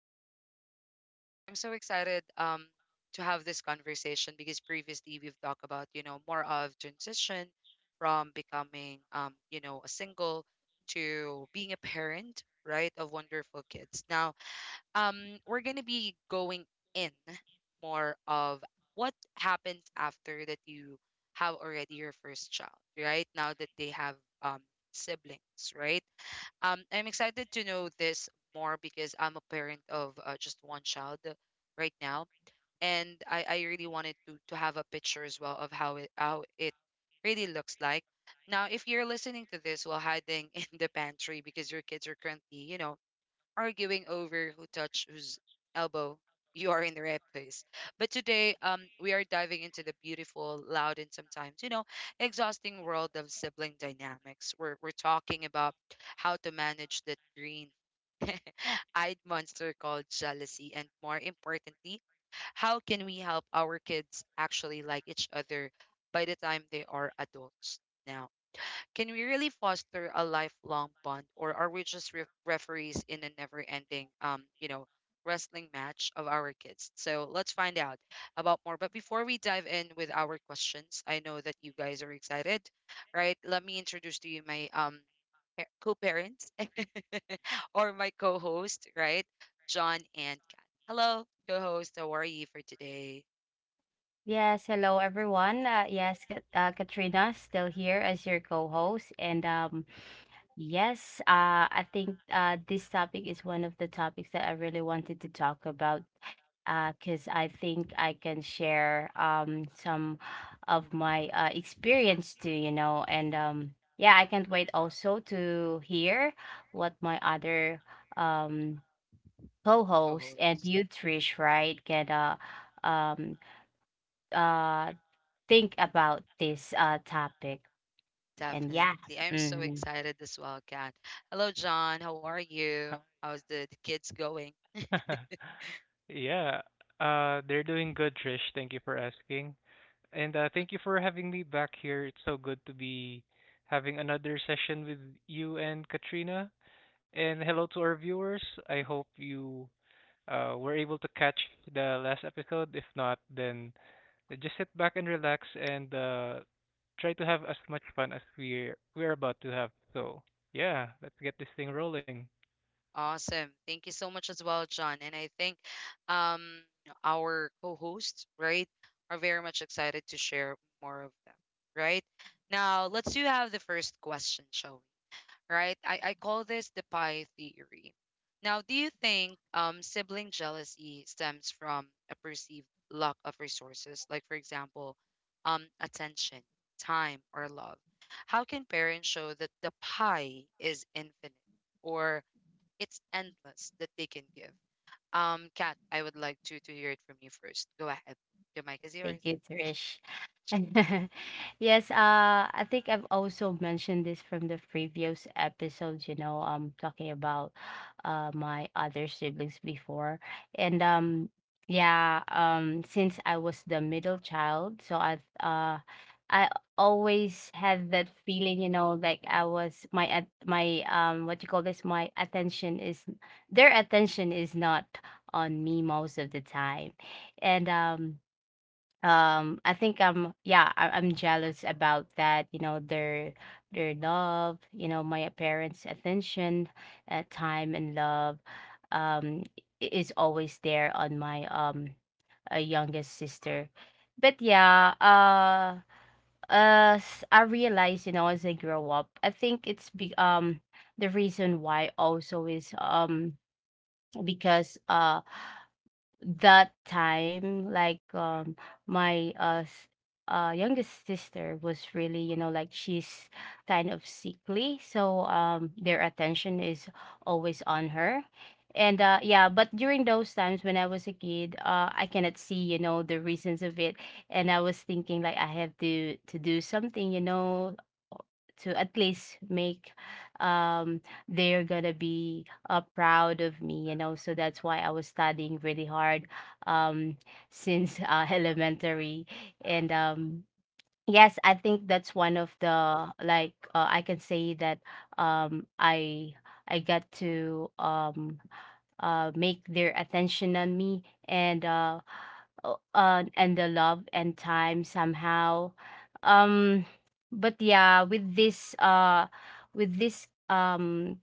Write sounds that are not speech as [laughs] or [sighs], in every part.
podcast. And I'm so excited to have this conversation because previously we've talked about, you know, more of transition from becoming, you know, a single to being a parent, right, of wonderful kids. Now, um, we're going to be going in more of what happens after that you have already your first child, right? Now that they have um, siblings, right? I'm excited to know this more because I'm a parent of just one child right now, and I really wanted to have a picture as well of how it really looks like. Now, if you're listening to this while hiding [laughs] in the pantry because your kids are currently, you know, arguing over who touched whose elbow you are in the right place. But today, we are diving into the beautiful, loud, and sometimes, you know, exhausting world of sibling dynamics. We're talking about how to manage that green [laughs] eyed monster called jealousy, and more importantly, how can we help our kids actually like each other by the time they are adults now? Can we really foster a lifelong bond, or are we just referees in a never-ending, you know, wrestling match of our kids? So let's find out about more. But before we dive in with our questions, I know that you guys are excited, right? Let me introduce to you my co-parents [laughs] or my co-host, right? John and Kat. Hello, co-host. How are you for today, Yes, hello everyone. Katrina still here as your co-host, and yes, I think this topic is one of the topics that I really wanted to talk about, because I think I can share some of my experience too, you know, and yeah, I can't wait also to hear what my other um co-host and co-host? you, Trish, right, can um uh think about this, topic. And yeah, Definitely. I'm so mhm. excited as well, Kat. Hello, John. How are you? How's the kids going? [laughs] Yeah. They're doing good, Trish. Thank you for asking. And Mm. thank you for having me back here. It's so good to be having another session with you and Katrina. And hello to our viewers. I hope you were able to catch the last episode. If not, then just sit back and relax and try to have as much fun as we're about to have. So yeah, let's get this thing rolling. Awesome. Thank you so much as well, John. And I think um, our co-hosts, right, are very much excited to share more of them, right? Now, let's do have the first question, shall we? Right? I call this the pie theory. Now, do you think sibling jealousy stems from a perceived lack of resources, like, for example, attention, time, or love? How can parents show that the pie is infinite or it's endless that they can give? Kat, I would like to hear it from you first. Go ahead. Your mic is yours. Thank you, Trish. [laughs] Yes, I think I've also mentioned this from the previous episodes, talking about my other siblings before. And um yeah, since I was the middle child, so I always had that feeling, you know, like I was my at my what you call this, my attention is their attention is not on me most of the time. And I think I'm yeah I, I'm jealous about that, you know, their love, you know, my parents' attention, time and love, um is always there on my youngest sister. But as I realize, you know, as I grow up, I think it's be the reason why also is because that time, my youngest sister was really, you know, like, she's kind of sickly, so their attention is always on her. And yeah, but during those times when I was a kid, I cannot see, you know, the reasons of it, and I was thinking like I have to do something, you know, to at least make um they're gonna be proud of me, you know, so that's why I was studying really hard um since, [laughs] elementary. And Yes, I think that's one of the, I can say that um I I got to make their attention on me and, and the love and time somehow, um but yeah, with this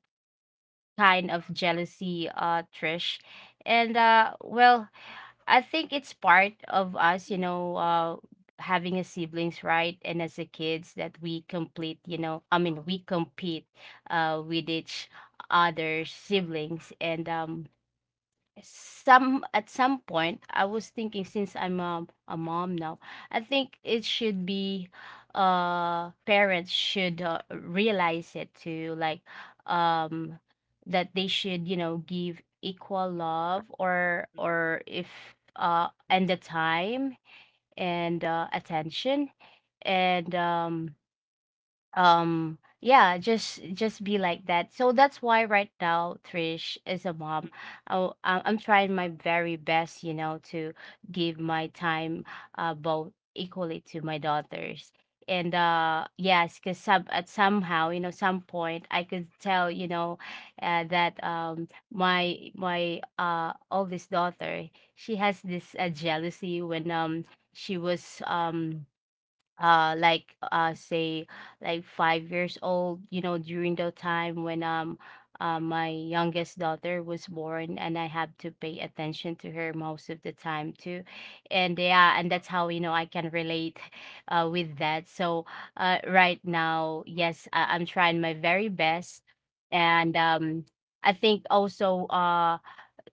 kind of jealousy, Trish. And well, I think it's part of us, you Mm-mm, know, having a siblings, right? And as a kids that we complete, you know, I mean, we compete with each other siblings. And some at some point I was thinking, since I'm a mom now, I think it should be, parents should, realize it too, like, um that they should, you know, give equal love, mm-mm, mm-mm. or if and the time and attention, and yeah, just be like that. So that's why right now, Trish, is a mom, I'm trying my very best, you know, to give my time, both equally to my daughters. And yes, because some at somehow, you know, some point, I could tell, you know, that my my oldest daughter, she has this jealousy when she was like, say, like 5 years old, you know, during the time when my youngest daughter was born and I have to pay attention to her most of the time too. And yeah, and that's how, you know, I can relate [laughs] with that. So right now, yes, I'm trying my very best. And I think also, uh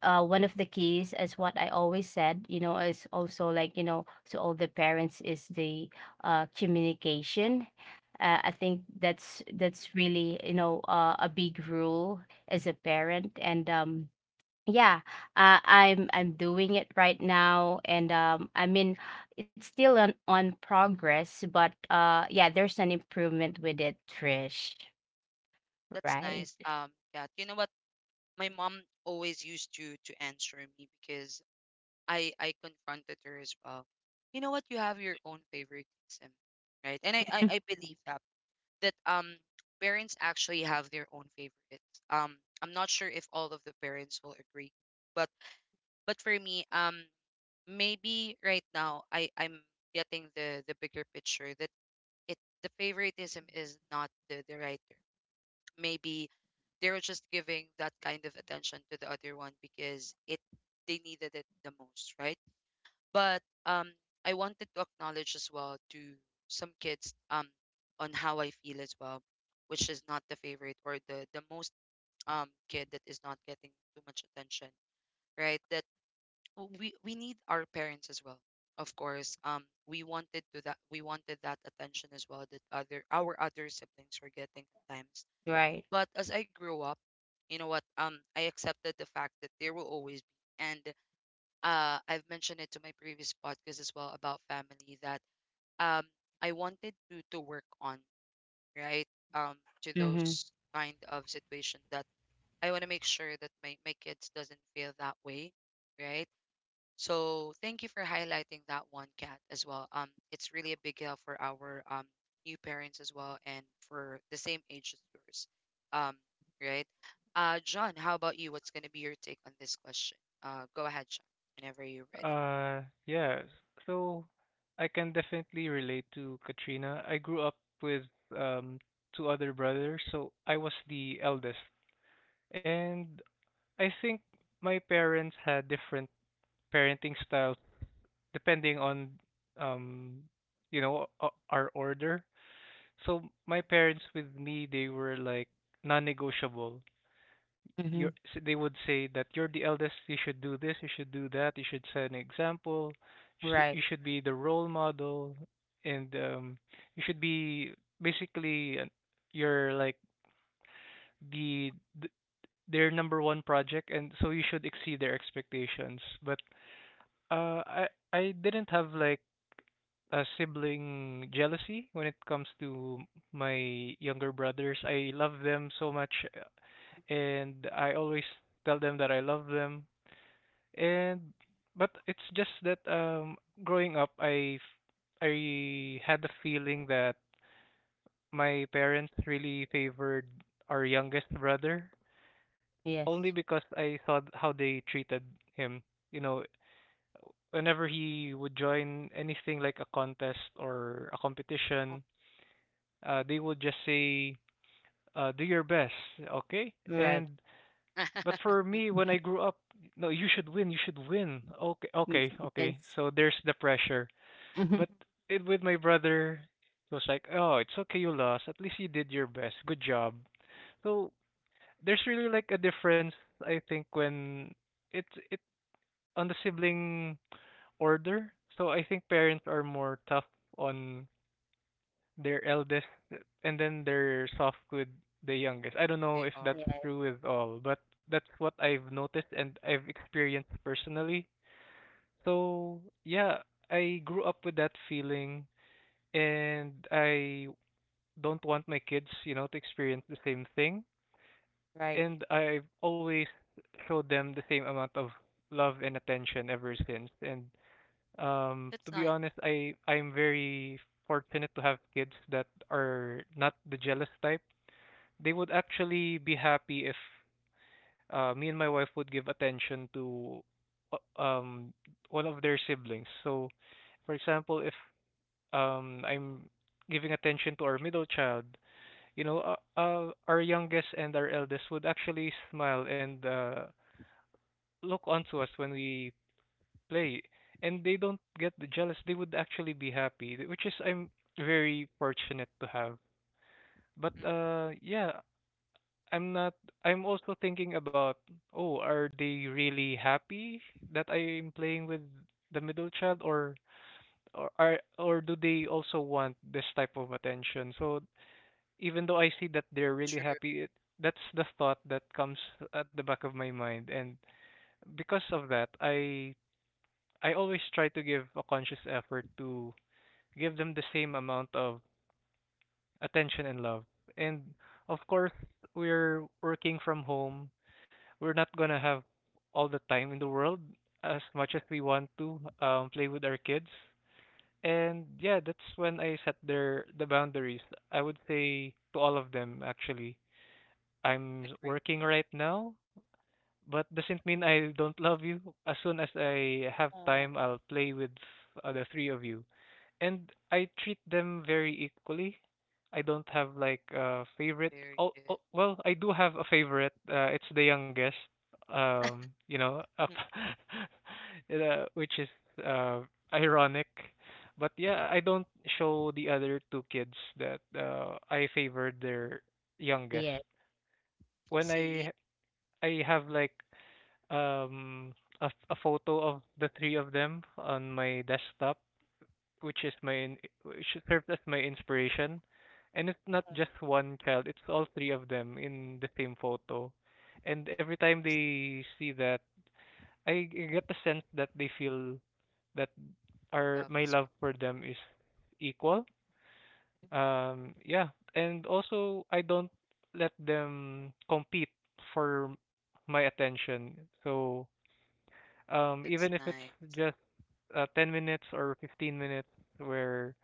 uh, one of the keys, as what I always said, you know, is also, like, you know, to all the parents, is the, communication. I think that's really, you know, a big rule as a parent. And yeah, I'm doing it right now. And I mean, it's still on progress, but yeah, there's an improvement with it, Trish. That's Right. nice, Kat. You know what? My mom always used to answer me because I confronted her as well. You know what? You have your own favoritism, right? And I I, Mhm. I believe that that parents actually have their own favorites. I'm not sure if all of the parents will agree, but for me, maybe right now I'm getting the bigger picture that it the favoritism is not the right term maybe they were just giving that kind of attention to the other one because it they needed it the most, right? But I wanted to acknowledge as well to some kids on how I feel as well, which is not the favorite or the most kid that is not getting too much attention, right? That we need our parents as well, of course. We wanted that attention as well that other our other siblings were getting at times Right. but as I grew up, you know what? I accepted the fact that there will always be, and I've mentioned it to my previous podcast as well about family that um I wanted to work on right um to Mm-hmm. those kind of situation that I want to make sure that my kids doesn't feel that way, right? So thank you for highlighting that one, cat as well. It's really a big help for our new parents as well, and for the same age as yours. Um, right? John, how about you? What's gonna be your take on this question? Go ahead, John, whenever you're ready. Uh, yeah. So I can definitely relate to Katrina. I grew up with um two other brothers, so I was the eldest. And I think my parents had different parenting styles depending on um you know our order. So my parents with me, they were like non-negotiable Mm-hmm. They would say that you're the eldest, you should do this, you should do that, you should set an example, Right. you should be the role model, and you should be basically you're like the th- their number one project, and so you should exceed their expectations. But uh, I I didn't have like a sibling jealousy when it comes to my younger brothers. I love them so much, uh, and I always tell them that I love them. And but it's just that growing up I had the feeling that my parents really favored our youngest brother only Yes. because I saw how they treated him. You know, whenever he would join anything like a contest or a competition, they would just say, "Do your best, okay?" Right. And but for me, [laughs] when I grew up, no, you should win, you should win. Okay, Mm, okay, okay. yes. So Mm. there's the pressure. Mhm. But it, with my brother, it was like, "Oh, it's okay you lost. At least you did your best. Good job." So there's really like a difference, I think, when it's it on the sibling order. So I think parents are more tough on their eldest, and then they're soft with the youngest. I don't know They if are. that's Yes, true with all, but that's what I've noticed and I've experienced personally. So yeah, I grew up with that feeling and I don't want my kids, you know, to experience the same thing. right. And I've always showed them the same amount of love and attention ever since. And That's to be nice. honest, I'm very fortunate to have kids that are not the jealous type. They would actually be happy if me and my wife would give attention to uh, um one of their siblings. So, for example, if I'm giving attention to our middle child, you know, our youngest and our eldest would actually smile and look Mm, onto us when we play, and they don't get jealous. They would actually be happy, which is I'm very fortunate to have. But mm. Yeah, I'm not. I'm also thinking about, oh, are they really happy that I'm playing with the middle child, or are or do they also want this type of attention? So even though I see that they're really True. happy, it, that's the thought that comes at the back of my mind, and because of that, I always try to give a conscious effort to give them the same amount of attention and love. And of course, we're working from home. We're not gonna have all the time in the world as much as we want to play with our kids. And yeah, that's when I set the boundaries. I would say to all of them actually I'm Agree. working right now, but doesn't mean I don't love you. As soon as I have Oh, time, I'll play with the three of you. And I treat them very equally. I don't have like a favorite. very Oh, oh good. well, I do have a favorite. It's the youngest. Um, you know, up, Mm, [laughs] which is uh, ironic. But mm, mm. yeah, I don't show the other two kids that I favor their youngest Yes. when See, I have like um a, a photo of the three of them on my desktop, which is my which served as my inspiration. And it's not oh, just one child; it's all three of them in the same photo. And every time it's nice. they see that, get the sense that they feel that Love our as my love well. for them is equal. Yeah, and also I don't let them compete for my attention. So That's even if it's nice. just 10 minutes or 15 minutes where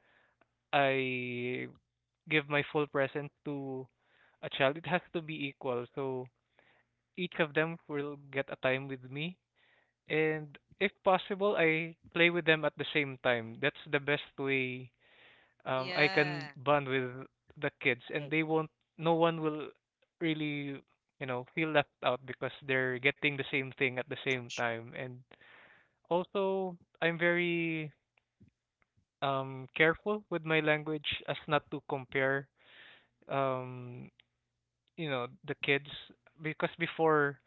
I give my full present to a child, it has to be equal. So each of them will get a time with me. And if possible, I play with them at the same time. That's the best way I Yeah, can bond with the kids. And Right. they won't, no one will really, you know, feel left out because they're getting the same thing for at the sure. same time. And also, I'm very careful with my language as not to compare um you know the kids because before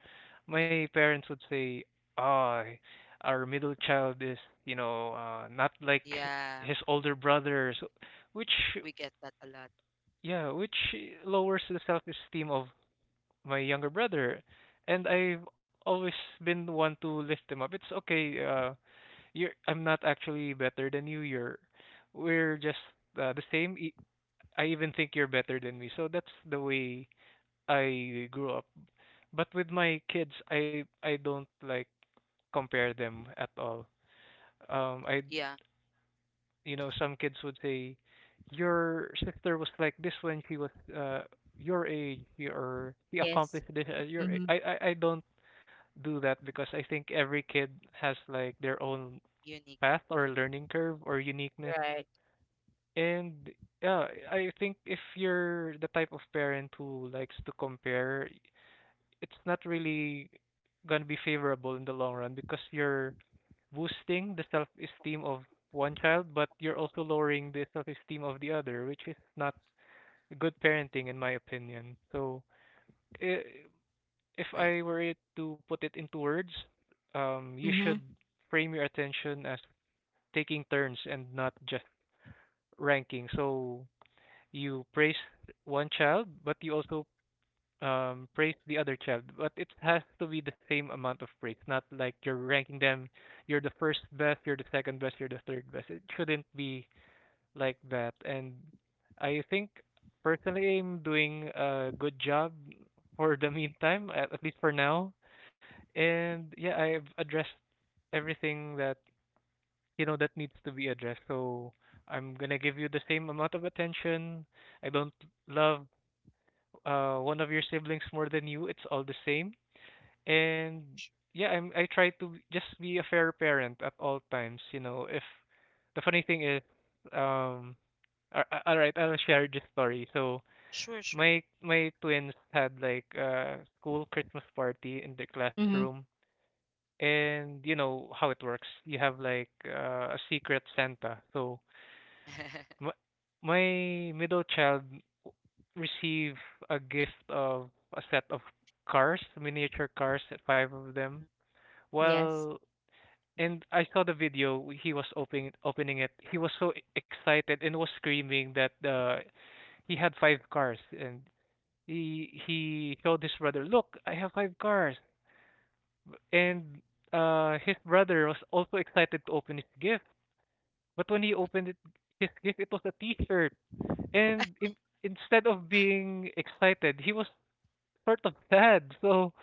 my parents would say, "Ah, our middle child is, you know, not like Yeah. his older brothers," which We get that a lot. yeah, which lowers the self-esteem of my younger brother. And I've always been the one to lift him up. It's okay, You're I'm not actually better than you. You're we're just the same. I even think you're better than me. So that's the way I grew up. But with my kids, I don't like compare them at all. I Yeah. you know some kids would say your sister was like this when she was your age Mm. or she Yes. accomplished this at your Mm-hmm. I don't do that because I think every kid has like their own Unique. path or learning curve or uniqueness. Right. And yeah, I think if you're the type of parent who likes to compare, it's not really gonna be favorable in the long run because you're boosting the self-esteem of one child, but you're also lowering the self-esteem of the other, which is not good parenting in my opinion. So, i- if Agree. I were it to put it into words, you Mm-hmm. should frame your attention as taking turns and not just ranking. So you praise one child, but you also praise the other child. But it has to be the same amount of praise, not like you're ranking them. You're the first best, you're the second best, you're the third best. It shouldn't be like that. And I think personally, I'm doing a good job for the meantime, at least for now. And yeah, I've addressed everything that you know that needs to be addressed. So I'm gonna give you the same amount of attention. I don't love one of your siblings more than you, it's all the same. And yeah, I try to just be a fair parent at all times. You know, if the funny thing is, um, all right, I'll share this story. So Sure, sure. My twins had like a school Christmas party in their Mm-hmm. classroom, and you know how it works. You have like a secret Santa. So [laughs] my my middle child receive a gift of a set of cars, miniature cars, five of them. Yes. Well, and I saw the video. He was opening it. He was so e, excited and was screaming that he had five cars, and he showed his brother, "Look, I have five cars." And his brother was also excited to open his gift. But when he Mm, opened it, his gift, it was a T-shirt. And in, instead of being excited, he was sort of sad. So,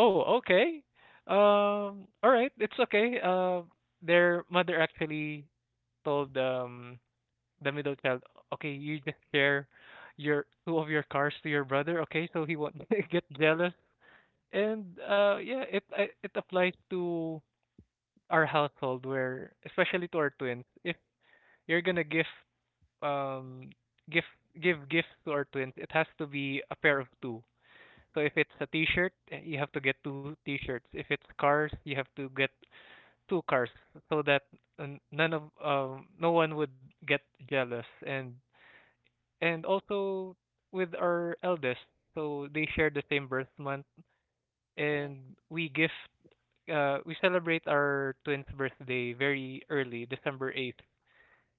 oh, okay. All right, it's okay. Their mother actually told the middle child, okay, you just share your two of your cars to your brother, okay? So he won't [laughs] get jealous. And yeah, it applies to our household where, especially to our twins, if you're gonna give um gift give gifts to our twins, it has to be a pair of two. So if it's a t-shirt, eh, you have to get two mm, t-shirts. If it's cars, you have to get two cars so that n- none of no one would get jealous and also with our eldest. So they share the same birth month mm. Mm. and we celebrate our twin's birthday very early, December 8th.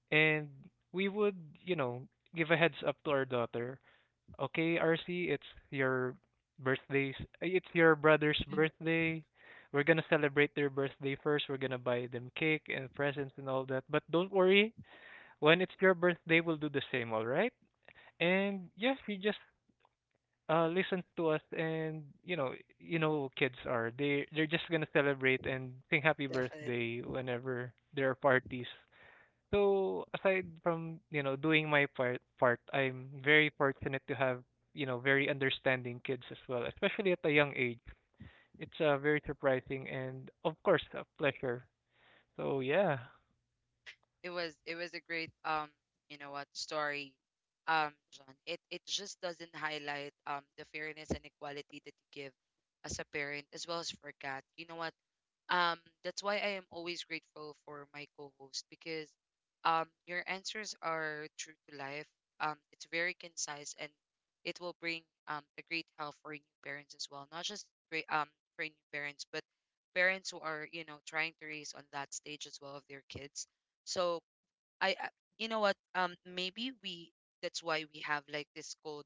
And we would, you know, give a heads up to our daughter. Okay, RC, it's your birthday's it's your brother's Mhm. birthday. We're gonna celebrate their birthday first. We're gonna buy them cake and presents and all that. But don't worry, when it's your birthday, we'll do the same, all right? And yes, you just listen to us and you know kids are. They're just gonna celebrate and sing happy Definitely. birthday whenever there are parties. So aside from, doing my part, I'm very fortunate to have, very understanding kids as well, especially at a young age. It's very surprising and of course a pleasure. So yeah, It was a great you know what, story. John. It just doesn't highlight the fairness and equality that you give as a parent as well as for Kat. You know what? Um, that's why I am always grateful for my co-host because your answers are true to life. It's very concise and it will bring a great help for new parents as well. Not just great for new parents, but parents who are you know trying to raise on that stage as well of their kids. So I you know what maybe we that's why we have like this called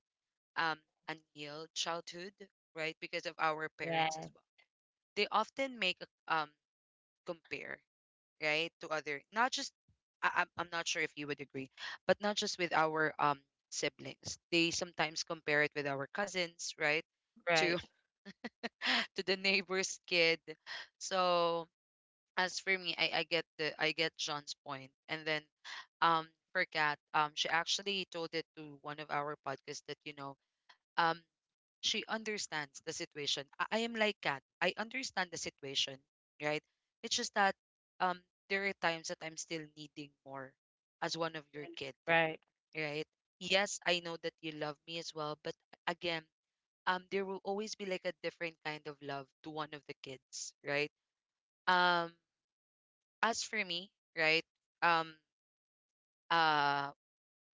um unhealed childhood right because of our parents Yeah. as well. They often make a compare, right, to other. Not just I'm not sure if you would agree, but not just with our siblings. They sometimes compare it with our cousins, right? To Right, [laughs] to the neighbor's kid. So as for me, I get the I get John's point. And then for Kat, she actually told it to one of our podcasts that, you know, um she understands the situation. I am like Kat. I understand the situation, right? It's just that um there are times that I'm still needing more as one of your kid, right. right? Yes, I know that you love me as well, but again, there will always be like a different kind of love to one of the kids, right? Um as for me, right? Um uh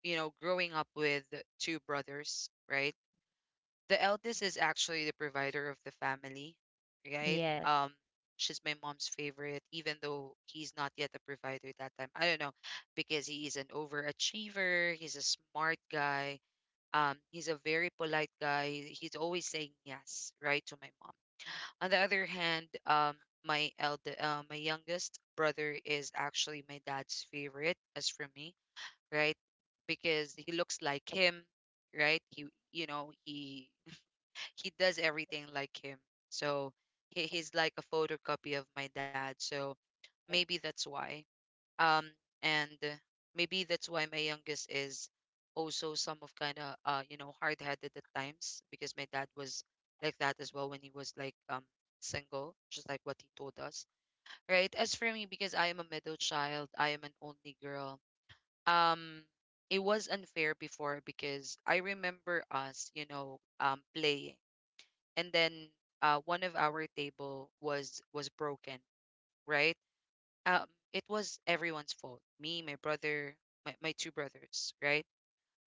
you know, growing up with two brothers, right? The eldest is actually the provider of the family, right? Yes. She's my mom's favorite, even though he's not yet a provider that time. I don't know, because he is an overachiever, he's a smart guy. He's a very polite guy. He's always saying yes, right, to my mom. On the other hand, my youngest brother is actually my dad's favorite, as for me, right? Because he looks like him, right? He, you know, he does everything like him. So he's like a photocopy of my dad. So maybe that's why. Um, and maybe that's why my youngest is also some of kind of you know, hard headed at times because my dad was like that as well when he was like single, just like what he told us. Right. As for me, because I am a middle child, I am an only girl. Um, it was unfair before because I remember us, you know, playing and then one of our table was broken right um it was everyone's fault me my brother my two brothers right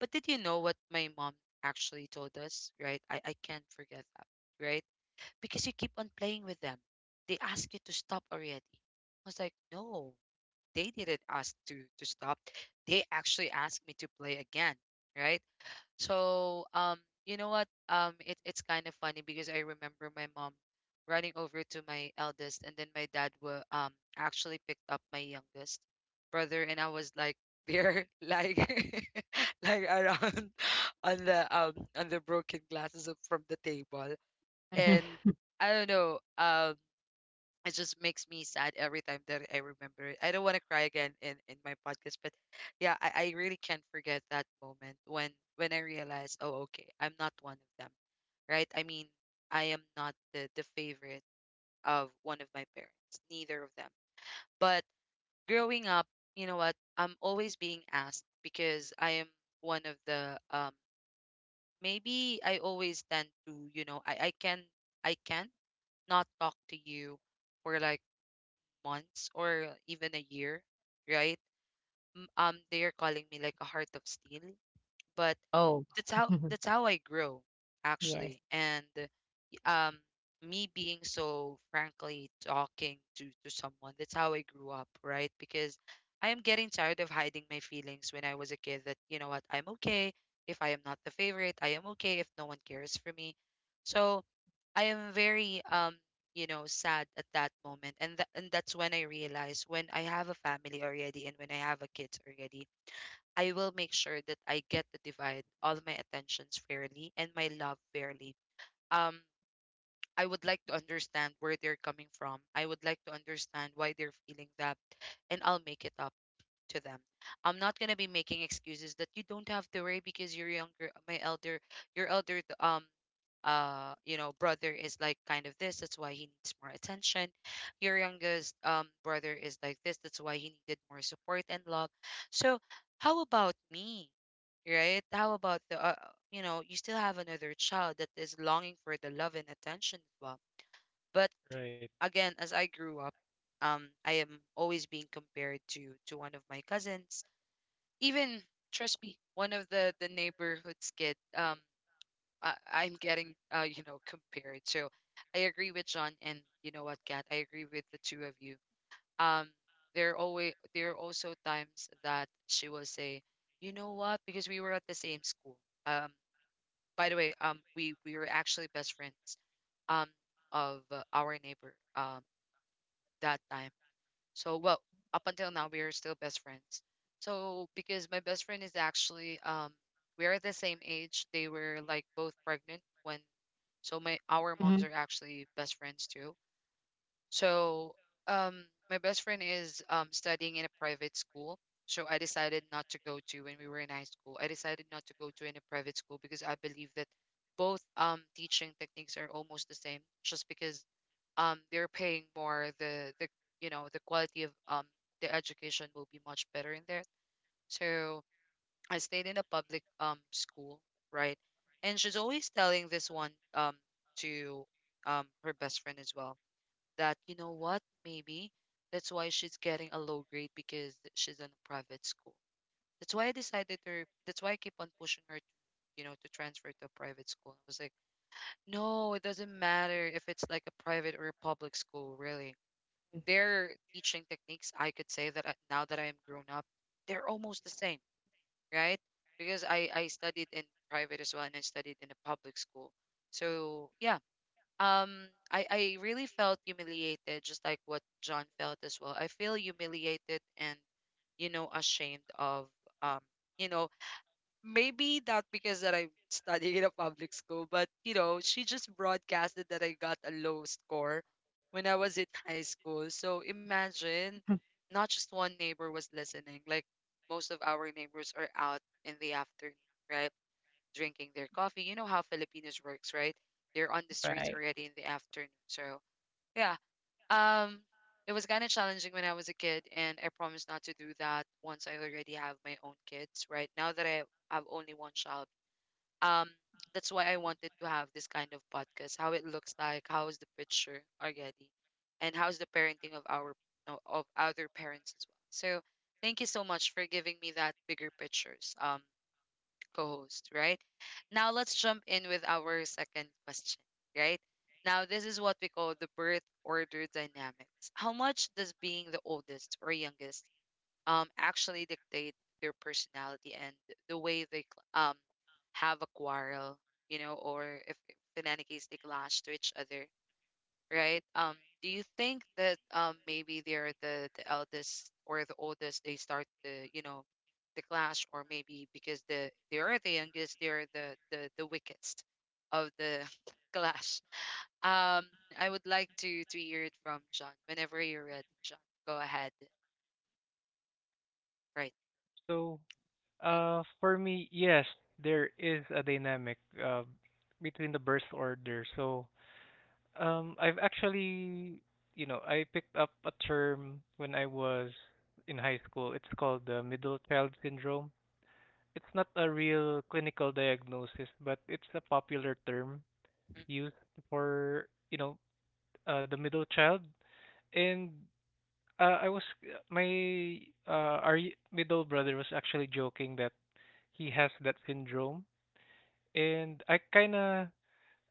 but did you know what my mom actually told us right I can't forget that right because you keep on playing with them they ask you to stop already. I was like no they didn't ask to stop they actually asked me to play again right so you know what? It's kind of funny because I remember my mom running over to my eldest, and then my dad were actually picked up my youngest brother, and I was like there, [laughs] like [laughs] like around [laughs] on the broken glasses from the table, Mhm. and I don't know. It just makes me sad every time that I remember it. I don't want to cry again in my podcast, but yeah, I really can't forget that moment when I realized, oh, okay, I'm not one of them, right? I mean, I am not the favorite of one of my parents, neither of them. But growing up, you know what? I'm always being asked because I am one of the. Maybe I always tend to, you know, I can I can not talk to you for like months or even a year, right? They are calling me like a heart of steel, but Oh. [laughs] That's how I grow Yes. actually. And um me being so frankly talking to someone, that's how I grew up, right? Because I am getting tired of hiding my feelings when I was a kid, that, you know what, I'm okay if I am not the favorite. I am okay if no one cares for me. So I am very, sad at that moment, and that's when I realize, when I have a family already and when I have a kid already, I will make sure that I get to divide all my attentions fairly and my love fairly. um I would like to understand where they're coming from. I would like to understand why they're feeling that, and I'll make it up to them. I'm not gonna be making excuses that you don't have to worry because you're younger. Your elder, brother is like kind of this. That's why he needs more attention. Your youngest brother is like this. That's why he needed more support and love. So how about me, right? How about the, you still have another child that is longing for the love and attention as well. But right. again, as I grew up, I am always being compared to one of my cousins. Even, trust me, one of the neighborhood's kid. I'm getting, compared. So I agree with John, and you know what, Kat, I agree with the two of you. Um, there are also times that she will say, you know what, because we were at the same school. Um, by the way, we were actually best friends um of, our neighbor, that time. So, well, up until now, we are still best friends. So, because my best friend is actually, we're the same age. They were like both pregnant when, so my our moms Mhm. are actually best friends too. So, my best friend is studying in a private school. So I decided not to go to, when we were in high school. I decided not to go to in a private school, because I believe that both teaching techniques are almost the same. Just because they're paying more, the the quality of the education will be much better in there. So I stayed in a public school, right? And she's always telling this one, to, um, her best friend as well, that, you know what, maybe that's why she's getting a low grade because she's in a private school. That's why I keep on pushing her to, to transfer to a private school. I was like, no, it doesn't matter if it's like a private or a public school, really. Their teaching techniques, I could say that, now that I am grown up, they're almost the same, right? Because I studied in private as well, and I studied in a public school. So, yeah, I really felt humiliated, just like what John felt as well. I feel humiliated and, ashamed of, um you know, maybe not because that I'm studying in a public school, but, she just broadcasted that I got a low score when I was in [laughs] high school. So imagine, not just one neighbor was listening, like most of our neighbors are out in the afternoon, right? Drinking their coffee. You know how Filipinos works, right? They're on the streets Right. already in the afternoon. So, yeah, um, it was kind of challenging when I was a kid, and I promised not to do that once I already have my own kids. Right now that I have only one child, um, that's why I wanted to have this kind of podcast. How it looks like, how is the picture already, and how's the parenting of our no, of other parents as well. So thank you so much for giving me that bigger pictures. Co-host, right? Now let's jump in with our second question, right? Now this is what we call the birth order dynamics. How much does being the oldest or youngest actually dictate their personality and the way they have a quarrel, you know, or if in any case they clash to each other, right? Do you think that maybe they're the eldest or the oldest, they start the you know the clash? Or maybe because they are the youngest, they're the weakest of the [laughs] clash. Um, I would like to hear it from John whenever you're ready, John. Go ahead. Right. So Mm-mm, for me, yes, there is a dynamic uh, between the birth order. So I've actually, you know, I picked up a term when I was in high school. It's called the middle child syndrome. It's not a real clinical diagnosis, but it's a popular term mm-mm, used for, you know, the middle child. And I was my our middle brother was actually joking that he has that syndrome, and I kind of,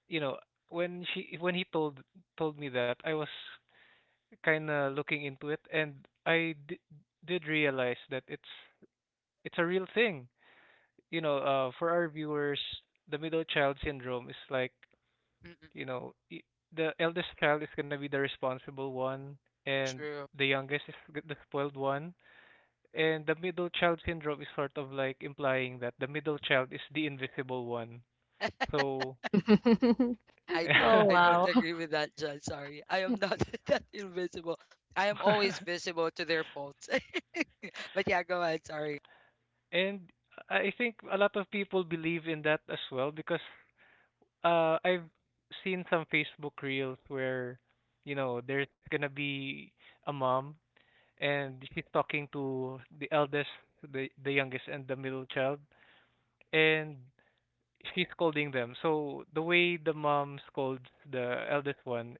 you know, when he told me that, I was kind of looking into it, and I di- did realize that it's a real thing. You know, for our viewers, the middle child syndrome is like, you mm-mm. know, the eldest child is gonna be the responsible one, and True. the youngest is the spoiled one. And the middle child syndrome is sort of like implying that the middle child is the invisible one. [laughs] So, [laughs] I don't. Oh, I [laughs] don't wow. agree [laughs] with that, John. Sorry. I am not [laughs] that invisible. I am always visible to their faults. [laughs] But yeah, go ahead. Sorry. and I think a lot of people believe in that as well because I've seen some Facebook reels where, you know, there's gonna be a mom and [laughs] she's talking to the eldest, the youngest, and the middle child, and she's scolding them. So the way the mom scolds the eldest one,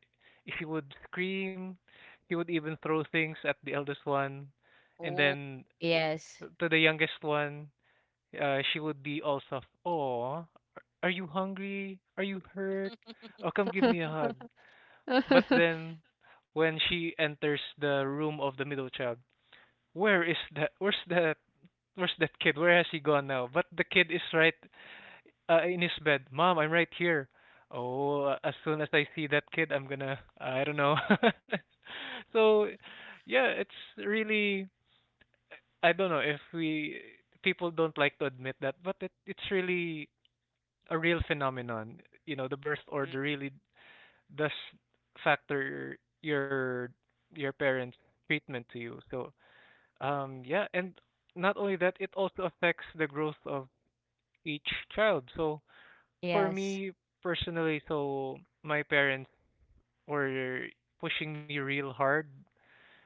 she would scream, she would even throw things at the eldest one, and Oh. then Yes. to the youngest one, she would be all soft. Oh, are you hungry? Are you hurt? Oh, come give me a hug. But [laughs] then, when she enters the room of the middle child, where is the where's that kid? Where has he gone now? But the kid is right in his bed. Mom, I'm right here. Oh, as soon as I see that kid, I'm gonna, I don't know. [laughs] So, yeah, it's really, I don't know if we people don't like to admit that, but it's really a real phenomenon. You know, the birth order Mm-mm, really does factor your parents' treatment to you. So, yeah, and not only that, it also affects the growth of each child. So for Yes. me personally, so my parents were pushing me real hard,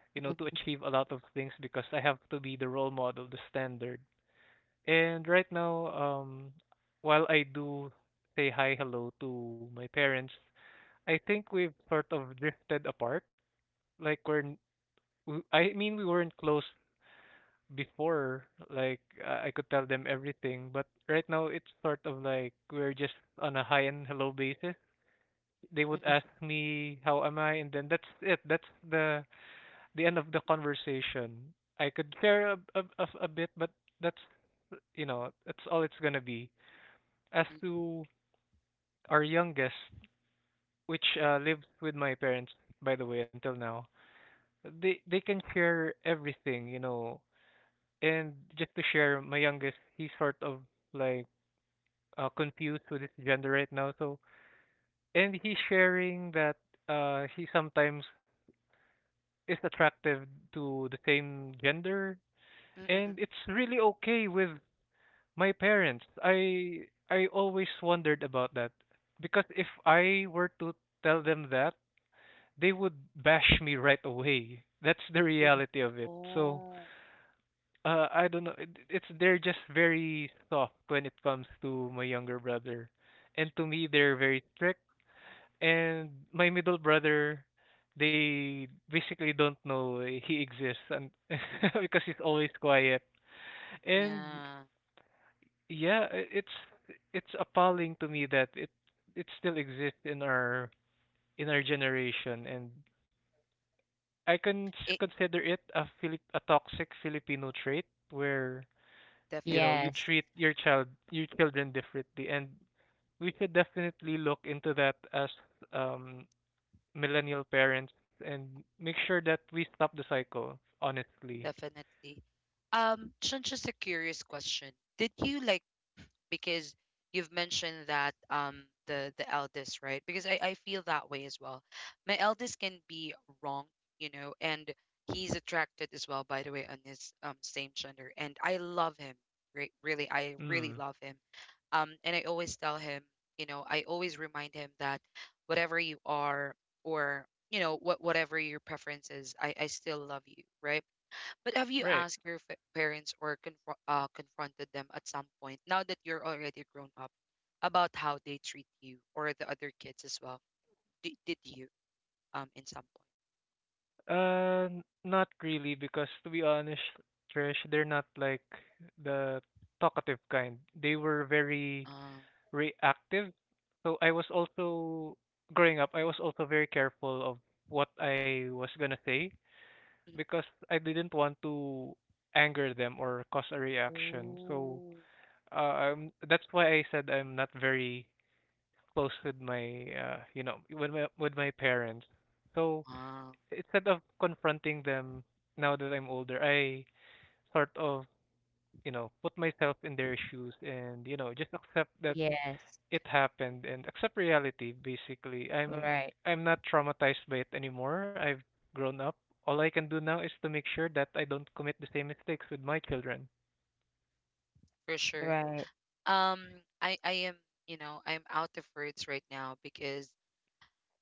you know, to Mhm. achieve a lot of things because I have to be the role model, the standard. And right now, while I do say hi, hello to my parents, I think we've sort of drifted apart. Like I mean, we weren't close before. Like I could tell them everything, but right now it's sort of like we're just on a hi and hello basis. They would ask me how am I, and then that's it. That's the end of the conversation. I could share a bit, but that's, you know, that's all it's gonna be. As mm-mm, to our youngest, which lives with my parents, by the way, until now, they can share everything, you know. And just to share, my youngest, he's sort of like confused with his gender right now, so, and he's sharing that he sometimes is attractive to the same gender, mm-mm, mm-mm. and it's really okay with my parents. I always wondered about that because if I were to tell them that, they would bash me right away. That's the Mhm. reality of it. So, Oh. I don't know. It's they're just very soft when it comes to my younger brother, and to me they're very strict. And my middle brother, they basically don't know he exists, and [laughs] because he's always quiet. And Yeah. yeah, it's appalling to me that it still exists in our generation, and I can It consider it a a toxic Filipino trait where, you definite, know, you Yes. treat your child, your children differently. And we should definitely look into that as um millennial parents, and make sure that we stop the cycle, honestly. definitely. Sean, just a curious question. Did you like Because you've mentioned that the eldest, right? Because I feel that way as well. My eldest can be wrong, you know, and he's attracted as well, by the way, on his same gender, and I love him. Really, I really Mm, love him. And I always tell him, I always remind him that whatever you are, or, whatever your preference is, I still love you, right? But have you right. asked your parents, or confronted them at some point, now that you're already grown up, about how they treat you or the other kids as well? Did you, in some point? N- not really, because to be honest, Trish, they're not like the talkative kind. They were very Uh, reactive. So I was also, growing up, I was also very careful of what I was gonna say mm, because I didn't want to anger them or cause a reaction. So oh, that's why I said I'm not very close with my you know, with my parents. So wow, instead of confronting them now that I'm older, I sort of, you know, put myself in their shoes, and you know, just accept that Yes. it happened and accept reality. Basically, Right, I'm not traumatized by it anymore. I've grown up. All I can do now is to make sure that I don't commit the same mistakes with my children. for sure. right. Um, I am, you know, I'm out of words right now because,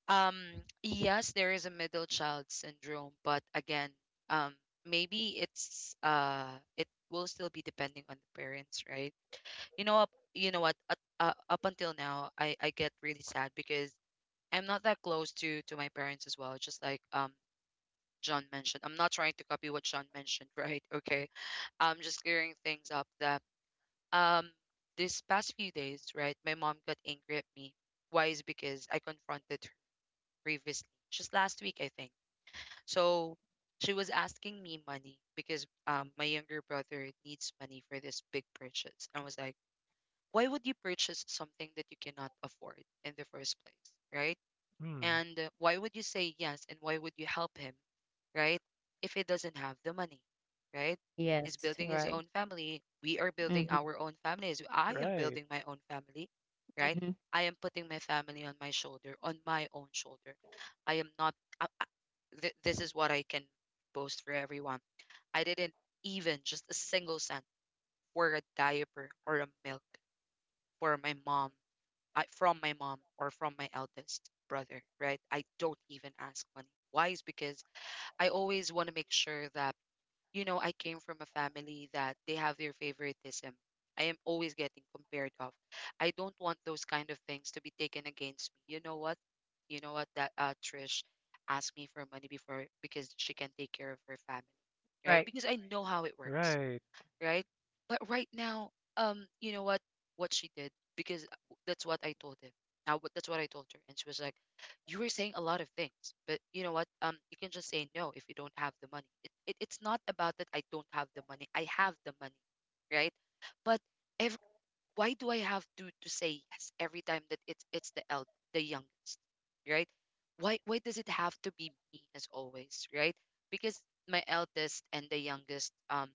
um, yes, there is a middle child syndrome, but again, um, maybe it will still be depending on the parents, right? you know up you know what, up until now, I get really sad, because I'm not that close to my parents as well, just like John mentioned. I'm not trying to copy what John mentioned. [laughs] Right. Okay. I'm just clearing things up that, um this past few days, right, my mom got angry at me. Why is because I confronted her previously, just last week, I think. So she was asking me money because my younger brother needs money for this big purchase. I was like, why would you purchase something that you cannot afford in the first place, right? Hmm. And, why would you say yes, and why would you help him, right? If he doesn't have the money, right? He's Yes. building his Right. own family. We are building Mhm. our own families. I am Right. building my own family, right? Mhm. I am putting my family on my shoulder, on my own shoulder. I am not. I, I- this is what I can boast for everyone. I didn't, even just a single cent for a diaper or a milk for my mom, from my mom or from my eldest brother, right? I don't even ask money. Why is because I always want to make sure that, I came from a family that they have their favoritism. I am always getting compared of. I don't want those kind of things to be taken against me. You know what? You know what, that, Trish asked me for money before because she can take care of her family, right? Right, Because I know how it works, Right. right? But right now, you know what? What she did, because that's what I told him. Now that's what I told her, and she was like, "You were saying a lot of things, but you know what? You can just say no if you don't have the money." It's not about that I don't have the money. I have the money, right? But every, why do I have to say yes every time that it's the youngest, right? Why does it have to be me, as always, right? Because my eldest and the youngest,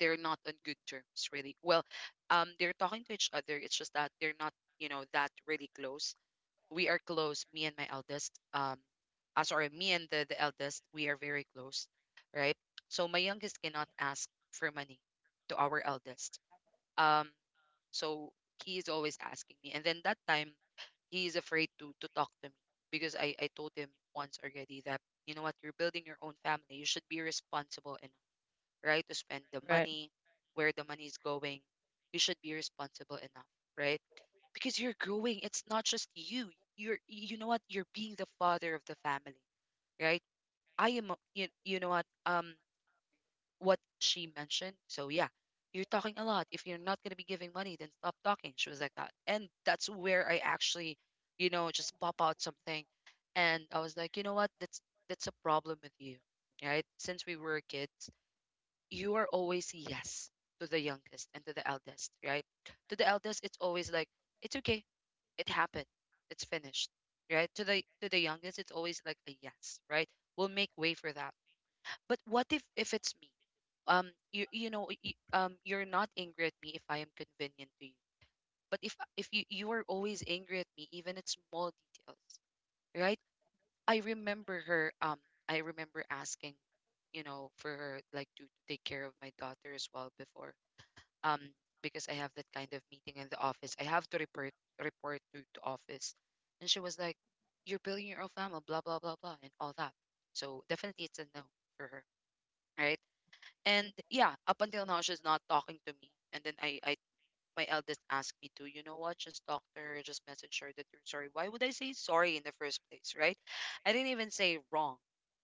they're not on good terms, really well. They're talking to each other, it's just that they're not, that really close. We are close, me and my eldest, sorry, me and the eldest, we are very close, right? So my youngest cannot ask for money to our eldest. um so he is always asking me, and then that time, he is afraid to talk to me because I told him once already that, you know what, you're building your own family, you should be responsible enough, right? To spend the right, money, where the money is going. You should be responsible enough, right? Because you're growing. It's not just you. You're, you know what? You're being the father of the family, right? I am, a- You know what? What she mentioned. So yeah, you're talking a lot. If you're not gonna be giving money, then stop talking. She was like that, and that's where I actually, just pop out something. And I was like, you know what? That's a problem with you, right? Since we were kids, you are always yes to the youngest and to the eldest, right? To the eldest, it's always like, it's okay, it happened, it's finished, right? To the youngest, it's always like a yes, right? We'll make way for that. But what if it's me? You're not angry at me if I am convenient to you. But if you are always angry at me, even at small details, right? I remember her. I remember asking, you know, for her like to take care of my daughter as well before um because I have that kind of meeting in the office. I have to report to the office. And she was like, you're building your own family, blah blah blah blah and all that. So definitely it's a no for her. Right. And yeah, up until now she's not talking to me. And then I my eldest asked me to, you know what, just talk to her, just message her that you're sorry. Why would I say sorry in the first place, right? I didn't even say wrong,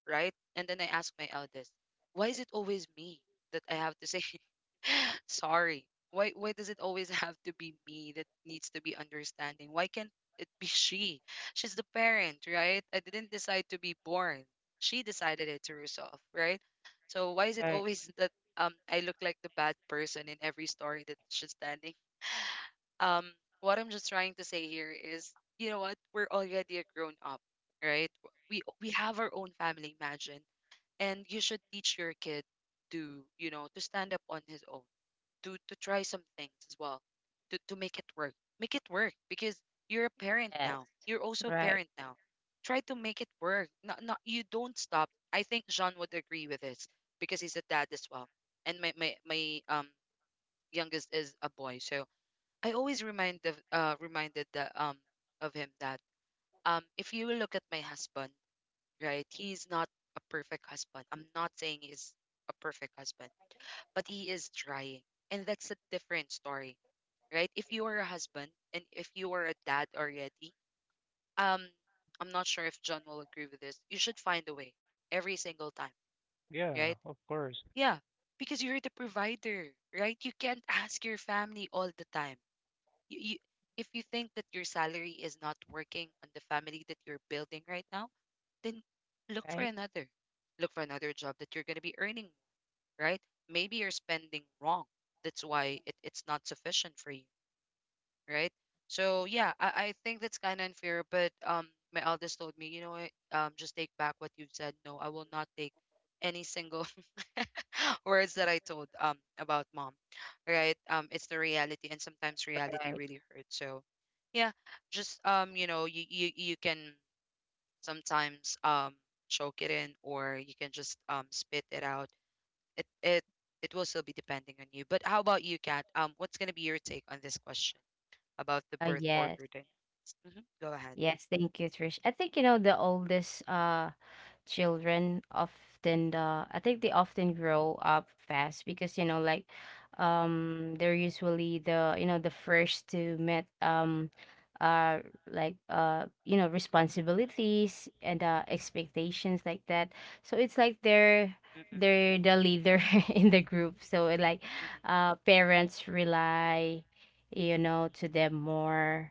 right? And then I asked my eldest, why is it always me that I have to say [laughs] sorry? Why does it always [laughs] have to be me that needs to be understanding? Why can't it be she? She's the parent, right? I didn't decide to be born. She decided it to herself, right? So why is it right, always [laughs] that I look like the bad person in every story that she's standing. Um what i'm just trying to say here is, you know what, we're already a grown up, right? We have our own family, imagine. And you should teach your kid to, you know, to stand up on his own, to try some things as well, to make it work. Make it work because you're a parent yes, now, you're also a right. parent now. Try to make it work. Not you don't stop. I think Jean would agree with this because he's a dad as well. And my youngest is a boy. So I always reminded that of him that if you look at my husband, right, he's not a perfect husband. I'm not saying he's a perfect husband, but he is trying. And that's a different story, right? If you are a husband and if you are a dad already, um I'm not sure if John will agree with this. You should find a way every single time, Yeah. right? Of course. Yeah, because you're the provider, right? You can't ask your family all the time. You if you think that your salary is not working on the family that you're building right now, then look for Right, another. Look for another job that you're going to be earning more, right? Maybe you're spending wrong. That's why it's not sufficient for you, right? So yeah, I think that's kind of unfair. But my eldest told me, you know what? Just take back what you've said. No, I will not take any single [laughs] words that I told about mom, right? It's the reality, and sometimes reality right. really hurts. So yeah, just you know, you you can sometimes choke it in, or you can just spit it out. It it will still be depending on you. But how about you, Kat? What's gonna be your take on this question about the Uh, birth yes, order dynamics? Go ahead. yes. Thank you, Trish. I think, you know, the oldest children often, I think they often grow up fast because, you know, like, they're usually the, you know, the first to met uh like, you know, responsibilities and expectations like that. So it's like they're Mm, mm, mm, they're the leader [laughs] in the group. So like, mm, parents rely, you know, to them more.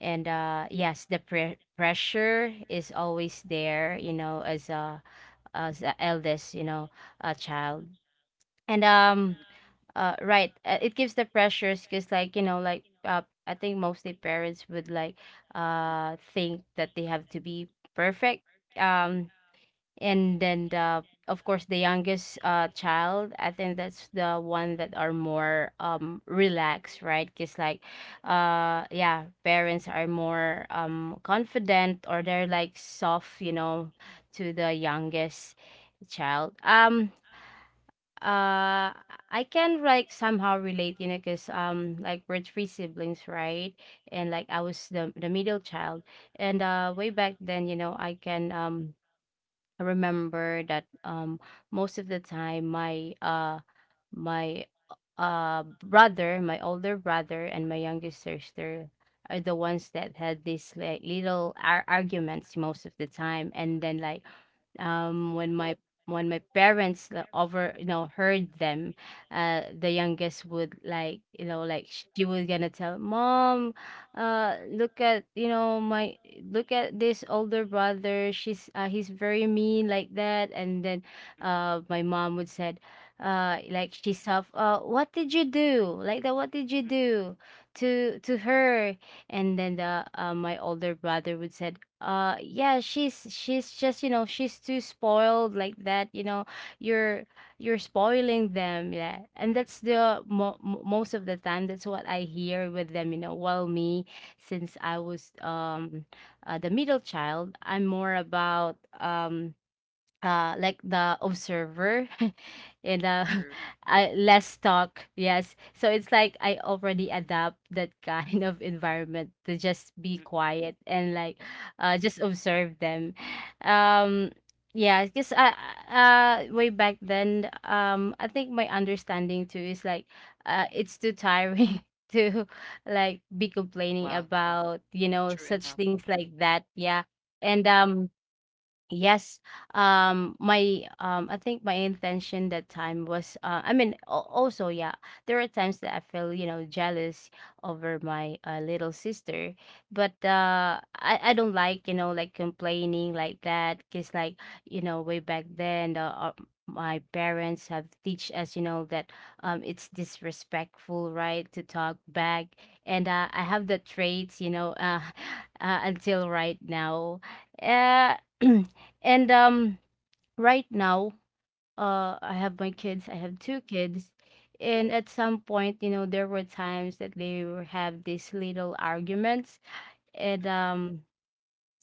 And yes, the pressure is always there, you know, as a, as the eldest, you know, a child. and um mm, mm, mm, uh right, it gives the pressures because, like, you know, like, I think mostly parents would like, think that they have to be perfect. um and then, the of course the youngest child, I think that's the one that are more relaxed, right? Because, like yeah, parents are more confident, or they're like soft, you know, to the youngest child. Uh I can like somehow relate, you know, because like we're three siblings, right? And like I was the middle child. And Way back then, you know, I remember that most of the time, my brother, my older brother and my youngest sister are the ones that had these, like, little arguments most of the time, and then, like, when my, when my parents, like, over, you know, heard them, the youngest would, like, you know, like, she was gonna tell mom, look at, you know, my, look at this older brother, she's, he's very mean like that. And then, mm, mm, my mom would say, like, she's self, what did you do like that, what did you mm, do to her? And then the my older brother would said, yeah, she's just, you know, she's too spoiled like that, you know, you're you're spoiling them. Yeah, and that's mm, mm. the most of the time that's what I hear with them, you know. While me, since I was the middle child, I'm more about like the observer, [laughs] and, True. [laughs] Less talk. Yes, so it's like I already adapt that [laughs] kind of environment to just be Mm. quiet and like, just observe them. um yeah, because, way back then, I think my understanding too is like, it's too tiring [laughs] to like be complaining Well, about, you know, true such enough. things like that. Yeah and um Yes. My I think my intention that time was, I mean, also, yeah, there are times that I feel, you know, jealous over my, little sister, but I don't like, you know, like, complaining like that, cuz, like, you know, way back then, the my parents have teach us, you know, that it's disrespectful, right, to talk back. And I have the traits, you know, [laughs] until right now. Uh [clears throat] And right now, I have my kids. I have two kids, and at some point, you know, there were times that they were have these little arguments, Mm, and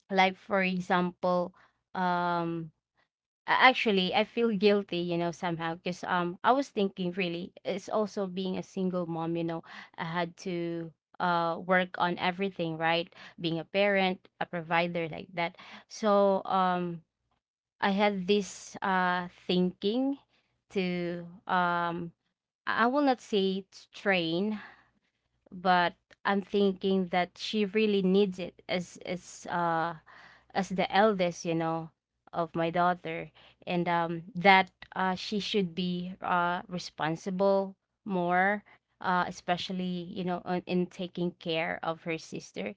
like for example, um, mm. Actually, I feel guilty, you know, somehow, because I was thinking, really, Right. it's also being a single mom, you know, I had to work on everything, right? Being a parent, a provider like that. So I had this thinking to, I will not say it's train, but I'm thinking that she really needs it, as, as the eldest, you know, of my daughter, and that, she should be, responsible more, especially, you know, on, in taking care of her sister.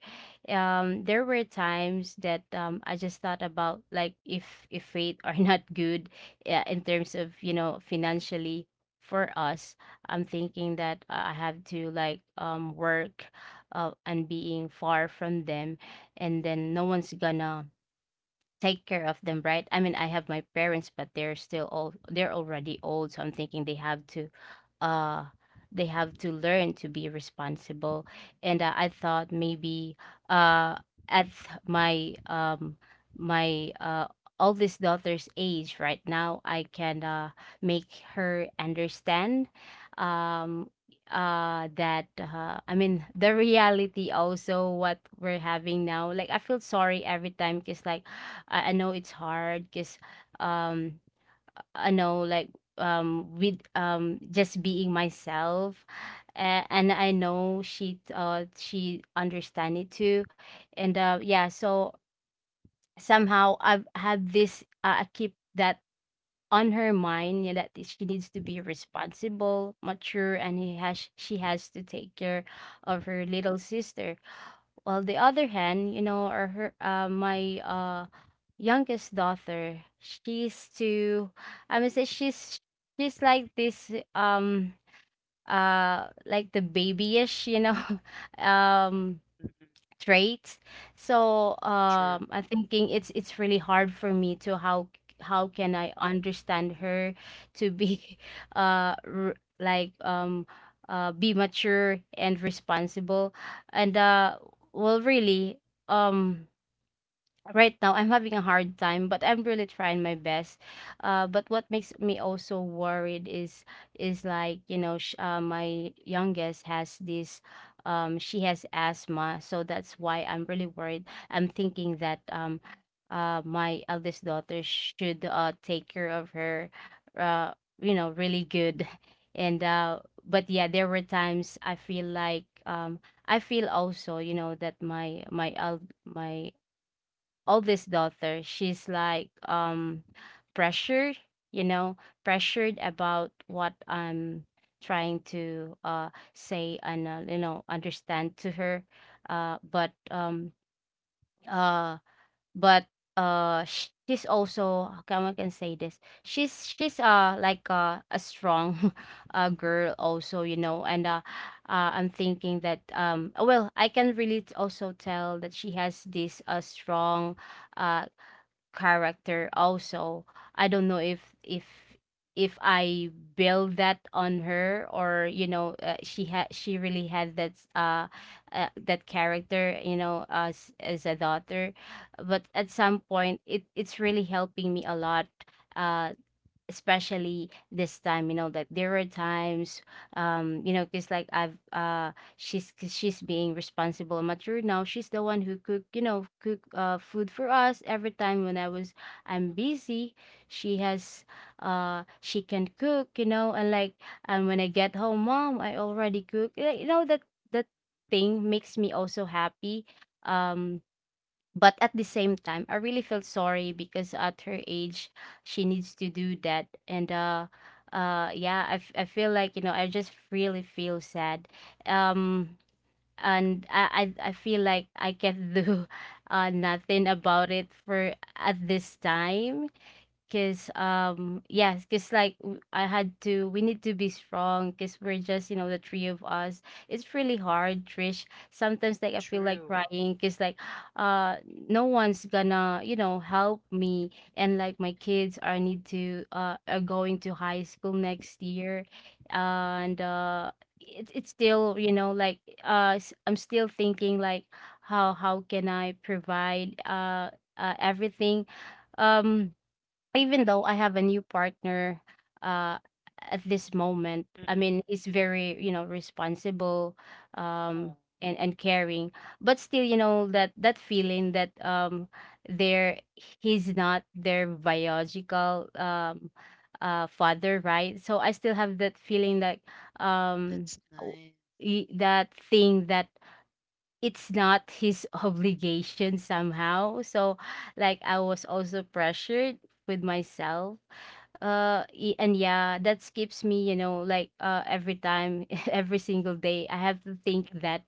There were times that, I just thought about, like, if fate are [laughs] not good, in terms of, you know, financially for us. I'm thinking that, I have to, like, work, and being far from them, and then no one's gonna take care of them, right? I mean, I have my parents, but they're still old. They're already old, so I'm thinking uh, they have to learn to be responsible. And I thought maybe, uh, at my um my oldest daughter's age right now, I can make her understand, um that I mean, the reality also, what we're having now. Like, I feel sorry every time because, like, I know it's hard because um I know, like, with just being myself, and I know she she understand it too. And yeah, so somehow I've had this, I keep that on her mind, yeah, that she needs to be responsible, mature, and he has she has to take care of her little sister. Well, the other hand, you know, or her, my youngest daughter, she's too. I mean, say she's like this, like the babyish, you know. [laughs] um Mm, mm, Trait. So, true. I'm thinking it's really hard for me to, how can I understand Mm, her to be [laughs] uh r- like, be mature and responsible. And well, really, um right now I'm having a hard time, but I'm really trying my best. But what makes me also worried is, like, you know, my youngest has this. She has asthma, so that's why I'm really worried. I'm thinking that, my eldest daughter should take care of her, you know, really good, [laughs] and but yeah, there were times I feel like, I feel also, you know, that my oldest daughter, she's like, pressured, you know, pressured about what I'm trying to say and, you know, understand to her. Uh, but um uh but she's also. How come I can say this? She's mm, she's mm, uh like, a strong [laughs] girl also, you know, and, I'm thinking that, well, I can really also tell that she has this strong uh character also. I don't know if if I build that on her, or, you know, she really had that, that character, you know, as a daughter. But at some point, it's really helping me a lot, uh especially this time, you know, that there were times, you know, because like, I've she's 'cause she's being responsible and mature now. She's the one who cook, you know, cook food for us every time when I'm busy. She has, she can cook, you know, and like, and when I get home, mom, I already cook. Like, you know, that thing makes me also happy. um but at the same time, I really feel sorry because at her age, she needs to do that. And yeah, I feel like, you know, I just really feel sad, um and I feel like I can do [laughs] nothing about it for at this time. Cause yes, cause, like, I had to we need to be strong, cause we're just, you know, the three of us. It's really hard, Trish. Sometimes, like, I feel like true. crying cause, like, [sighs] uh no one's gonna, you know, help me. And, like, my kids are going to high school next year, and it's still, you know, like, I'm still thinking, like, how can I provide, everything, um even though I have a new partner, Mm, uh at this moment. mm, I mm, mm. mean, he's very, you know, responsible, um Oh, and caring, but still, you know, that feeling that, there he's not their biological, father, right? So I still have that feeling like, um that's w- nice. That thing that it's not his [laughs] obligation somehow. So, like, I was also pressured with myself, and yeah, that keeps me, you know, like, every time, [laughs] every single day I have to think that.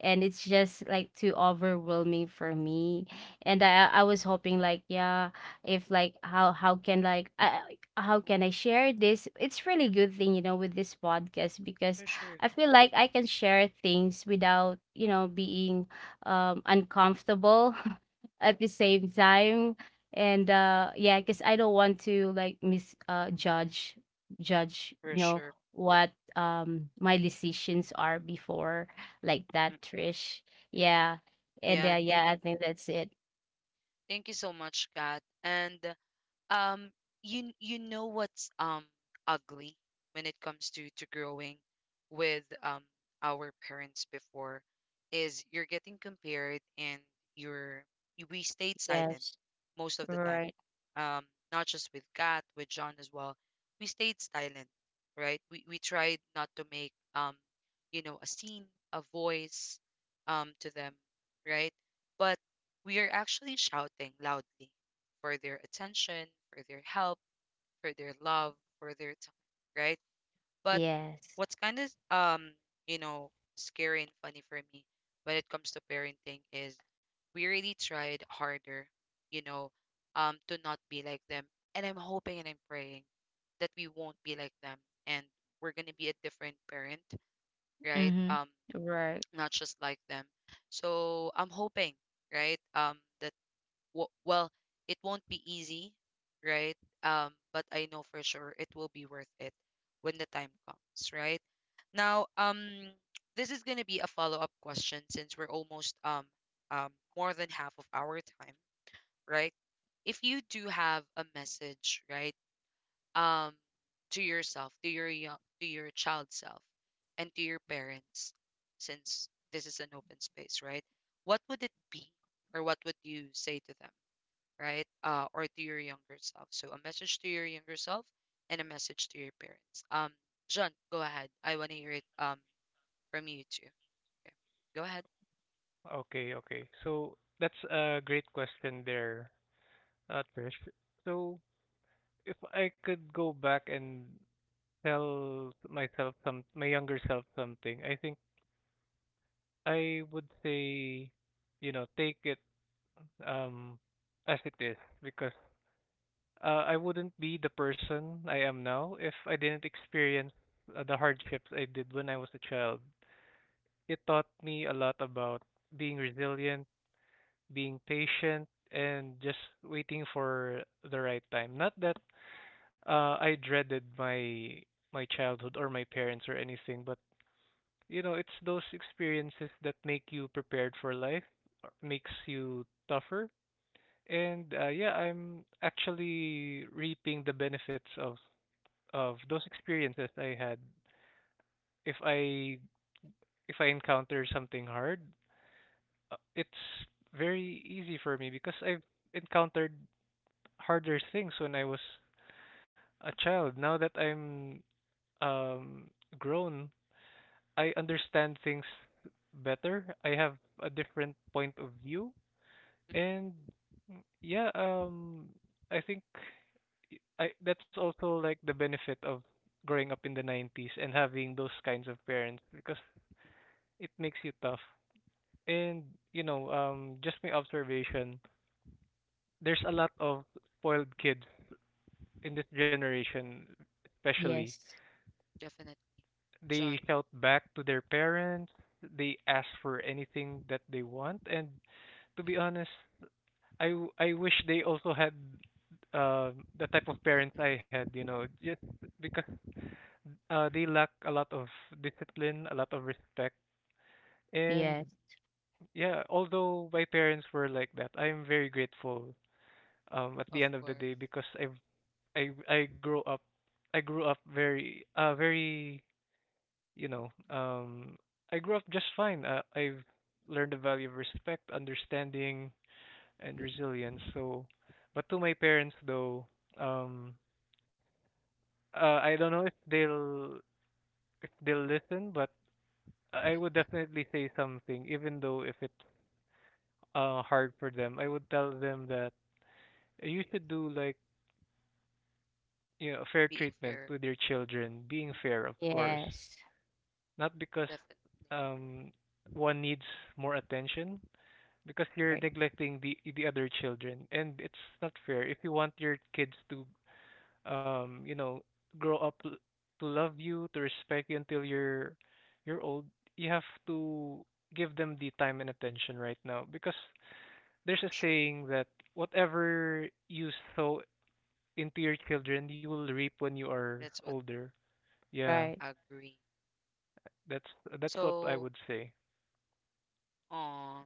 And it's just, like, too overwhelming for me. And I was hoping, like, yeah, if, like, how can, like, how can I share this? It's really good thing, you know, with this podcast because For sure. I feel like I can share things without, you know, being, uncomfortable, [laughs] at the same time. And yeah, because I don't want to, like, mis judge, For you know, sure. what, my decisions are before, like Mm. that, Trish. Yeah, and Yeah, thank yeah, you. I think that's it. Thank you so much, Kat. And um you know what's ugly when it comes to growing with our parents before is you're getting compared and you're we stayed silent Yes. most of the time, Right. um not just with Kat, with John as well. We stayed silent, right? We tried not to make, you know, a scene, a voice, to them, right? But we are actually shouting loudly for their attention, for their help, for their love, for their time, right? But Yes. what's kind of, you know, scary and funny for me when it comes to parenting is we really tried harder, you know, to not be like them. And I'm hoping and I'm praying that we won't be like them and we're gonna be a different parent, right? Mm-hmm. Right. Not just like them. So I'm hoping, right? That well, it won't be easy, right? But I know for sure it will be worth it when the time comes, right? Now, [tsk] this is gonna be a follow-up question since we're almost, um more than half of our time, right? If you do have a message, right, um, to yourself, to your young, to your child self, and to your parents, since this is an open space, right? What would it be, or what would you say to them, right? Or to your younger self. So a message to your younger self and a message to your parents. John, go ahead. I want to hear it from you too. Okay. Go ahead. Okay, okay. So that's a great question there, Trish. So if I could go back and tell myself some my younger self something, I think I would say, you know, take it um as it is because I wouldn't be the person I am now if I didn't experience the hardships I did when I was a child. It taught me a lot about being resilient, being patient, and just waiting for the right time. Not that I dreaded my childhood or my parents or anything, but you know, it's those experiences that make you prepared for life, or makes you tougher. And yeah, I'm actually reaping the benefits of those experiences I had. If I encounter something hard, it's very easy for me because I've encountered harder things when I was a child. Now that I'm um grown, I understand things better. I have a different point of view, Mm, and mm, yeah, I think y- I that's also like the benefit of growing up in the 90s and having those kinds of parents because mm, it makes you tough. And you know, just my observation, there's a lot of spoiled kids in this generation, especially. Yes. definitely. They John, shout back to their parents. They ask for anything that they want. And to be mm, honest, I wish they also had uh, the type of mm, parents I mm, had, you know, just because they mm, lack a lot of discipline, a lot of respect. And Yes. yeah, although my parents were like that, I'm very grateful at the end of of the day course. because I grew up very very, you know, I grew up just fine. I've learned the value of respect, understanding, and Mm, resilience. So, but to my parents though, um, I don't know if they'll listen, but I mm, mm, would mm, definitely say something, even though if it's hard for them. mm, I would tell them that you should do, like, you know, fair being treatment with your fair. children, being Mm. fair, of course, Yes. not because Definitely. um one needs more attention, because you're Right. neglecting the other children. And it's not fair. If you want your kids to um, you know, grow up to love you, to respect you until you're old, you have to give them the time and attention right now, because For there's a sure. saying that whatever you sow into your children you will reap when you are That's what older. Yeah, Right. I agree. that's that's what I So, would say. um.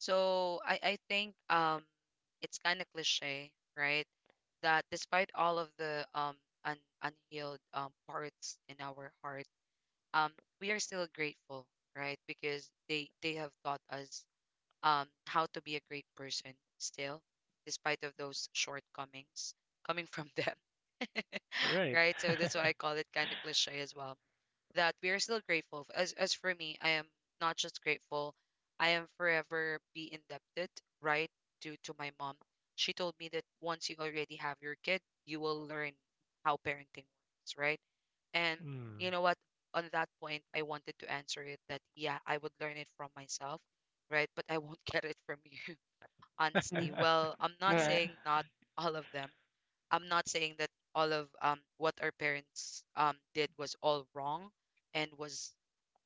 So I think it's kind of cliche, right? That despite all of the un, unhealed parts in our heart, um we are still grateful, right? Because they have taught us how to be a great person still, despite of those shortcomings coming from [laughs] them, Right. [laughs] right? So that's why I call it kind of cliche as well, that we are still grateful. As for me, I am not just grateful. I am forever be indebted, right? Due to my mom. She told me that once you already have your kid, you will learn how parenting works, right? And Hmm. you know what? On that point, I wanted to answer it that yeah, I would learn it from myself, right? But I won't [laughs] get it from you, Mm, honestly. Well, I'm not right. saying [laughs] not all of them, I'm not saying that all of what our parents did was all wrong and was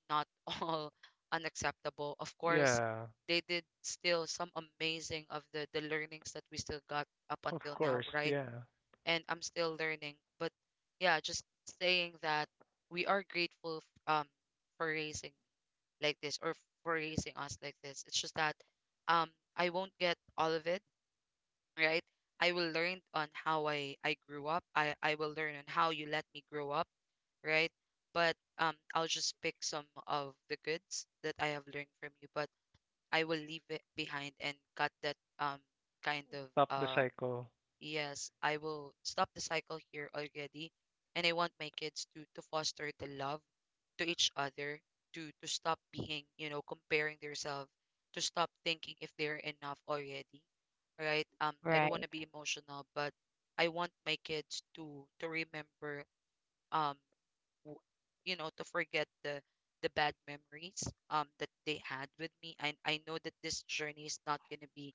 not [laughs] all unacceptable. Of course, Yeah. they did still some amazing of the learnings that we still got up Of until course, now, right? yeah. And I'm still learning, but yeah, just saying that we are grateful for raising like this, or for raising us like this. It's just that um I won't get all of it, right? I will learn on how I grew up. I will learn on how you let me grow up, right? But I'll just pick some of the goods that I have learned from you, but I will leave it behind and cut that, kind of, Stop the cycle. yes, I will stop the cycle here already. And I want my kids to foster the love to each other, to stop being, comparing themselves, to stop thinking if they're enough already. Right? I don't want to be Right. emotional, but I want my kids to remember, um w- to forget the bad memories that they had with me. I know that this journey is not gonna be,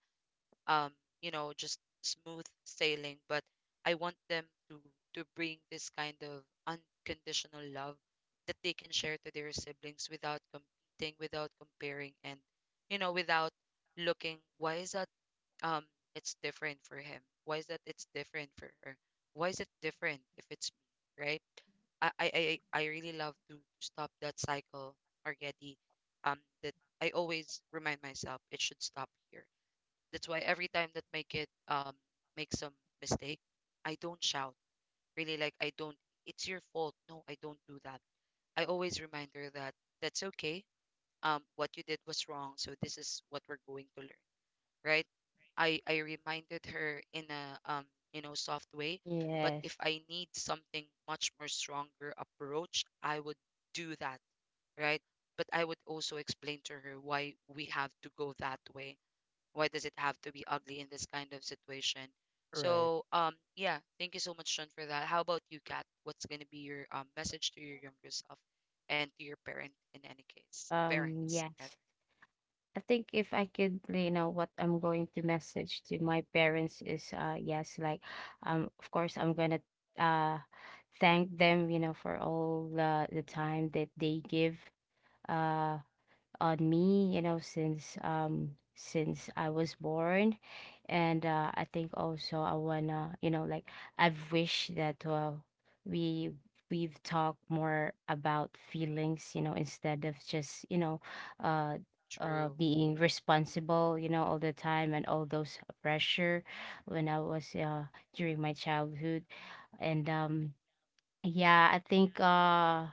um, just smooth sailing. But I want them to bring this kind of unconditional love that they can share to their siblings without competing, without comparing, and without looking, why is that, um it's different for him? Why is that it's different for her? Why is it different if it's me, right? I I I really love to stop that cycle already. That I always remind myself it should stop here. That's why every time that my kid, makes some mistake, I don't shout. Really, like I don't. It's your fault. No, I don't do that. I always remind her that that's okay. What you did was wrong. So this is what we're going to learn, right? I reminded her in a, soft way, but Yes. if I need something much more stronger approach, I would do that, right? But I would also explain to her why we have to go that way, why does it have to be ugly in this kind of situation? Right. So, yeah, thank you so much, Sean, for that. How about you, Kat? What's gonna be your, message to your younger self and to your parent in any case? um Parents, yes rather. I think, if I could, you know, what I'm going to message to my parents is, yes, like, of course, I'm gonna, uh, thank them, you know, for all the time that they give, uh, on me, you know, since I was born, and I think also, I wanna, you know, like, I've wished that, we we've talked more about feelings, you know, instead of just, you know, uh, True. Being responsible, you know, all the time, and all those pressure when I was, during my childhood, and. Yeah, I think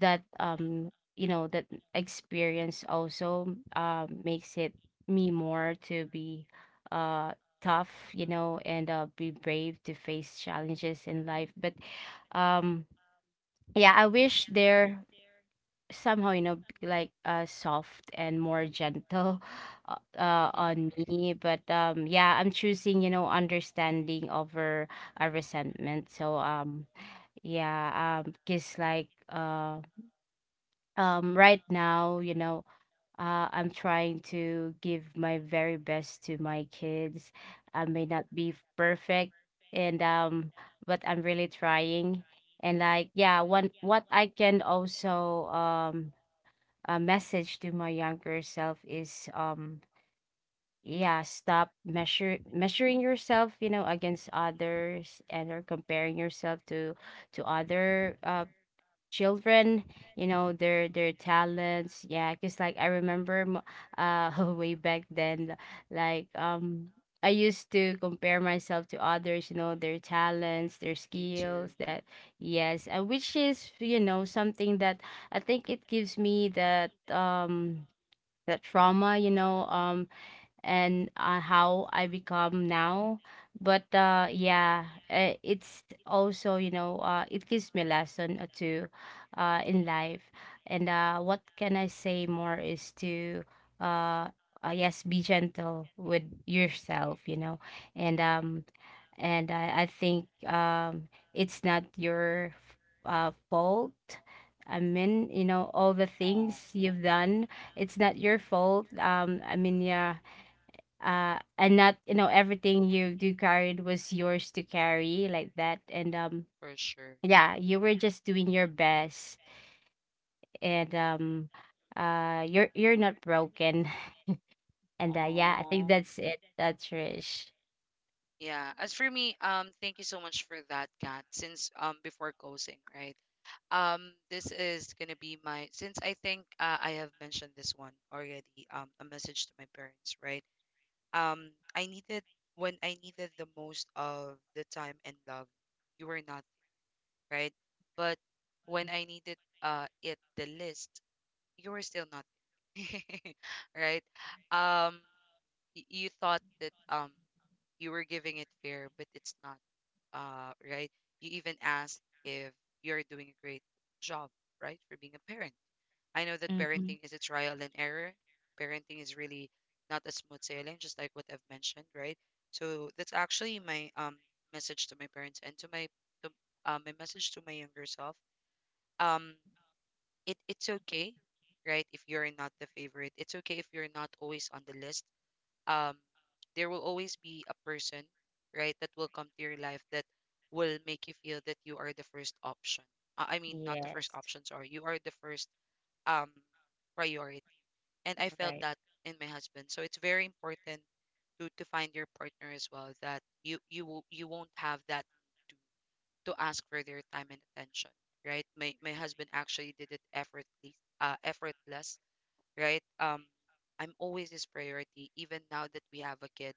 that, you know, that experience also, makes it me more to be uh tough, you know, and be brave to face challenges in life. But um yeah, I wish they're somehow, you know, like, soft and more gentle, [laughs] [laughs] on me. But yeah, I'm choosing, you know, understanding over a resentment. So, yeah, because, like, right now, you know, I'm trying to give my very best to my kids. I may not be perfect, and but I'm really trying. And, like, yeah, one what I can also, a message to my younger self is, yeah, stop measure measuring yourself, you know, against others, and or comparing yourself to other children, you know, their talents. Yeah, because, like, I remember, uh [laughs] way back then, like, I used to compare myself to others, you know, their talents, their Me too. skills, that. Yes, and which is, you know, something that I think it gives me that, that trauma, you know, and, how I become now. But yeah, it's also, you know, it gives me a lesson or two, in life. And what can I say more is to, uh, yes, be gentle with yourself, you know, and um, and I think, it's not your, fault. I mean, you know, all the Aw. things you've done, it's not your fault. I mean, yeah, and not, you know, everything you do carried was yours to carry, like that. And For sure. yeah, you were just doing your best. And you're not broken. [laughs] And yeah, I think Aw. that's it. That's rich. Yeah. As for me, thank you so much for that, Kat. Since, before closing, right? This is gonna be my, since I think, I have mentioned this one already. A message to my parents, right? I needed, when I needed the most of the time and love, you were not, right, but when I needed, it the least, you were still not [laughs] right. Um, you thought that, you were giving it fair, but it's not, right? You even asked if you're doing a great job, right, for being a parent. I know that Mm-hmm. parenting is a trial and error. Parenting is really not a smooth sailing, just like what I've mentioned, right? So that's actually my, message to my parents, and to, my message to my younger self. Um, it's okay, right? If you're not the favorite, it's okay if you're not always on the list. um there will always be a person, right, that will come to your life that will make you feel that you are the first option, I mean not the first Yes. options, are you, are the first, um priority. And I felt Right. that in my husband, so it's very important to find your partner as well, that you won't have that to to ask for their time and attention, right? My husband actually did it effortlessly, effortless, right? I'm always his priority, even now that we have a kid.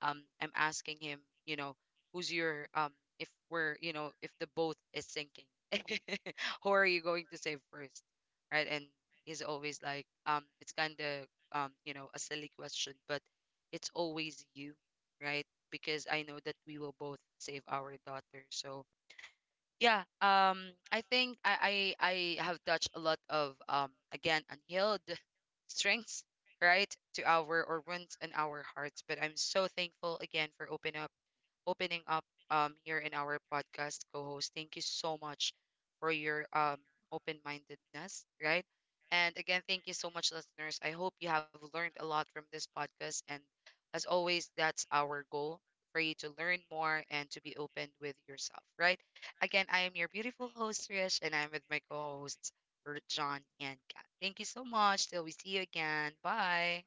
I'm asking him, you know, who's your if we're, if the boat is sinking, [laughs] who are you going to save first, right? And he's always like, it's kind of, a silly question, but it's always you, right? Because I know that we will both save our daughter, so yeah, I think I have touched a lot of, again, unhealed [laughs] strengths, right, to our, or wounds in our hearts. But I'm so thankful again for opening up, here in our podcast co-host. Thank you so much for your, open-mindedness, right? And again, thank you so much, listeners. I hope you have learned a lot from this podcast. And as always, that's our goal, for you to learn more and to be open with yourself, right? Again, I am your beautiful host, Trish, and I'm with my co hosts, John and Kat. Thank you so much. Till we see you again. Bye.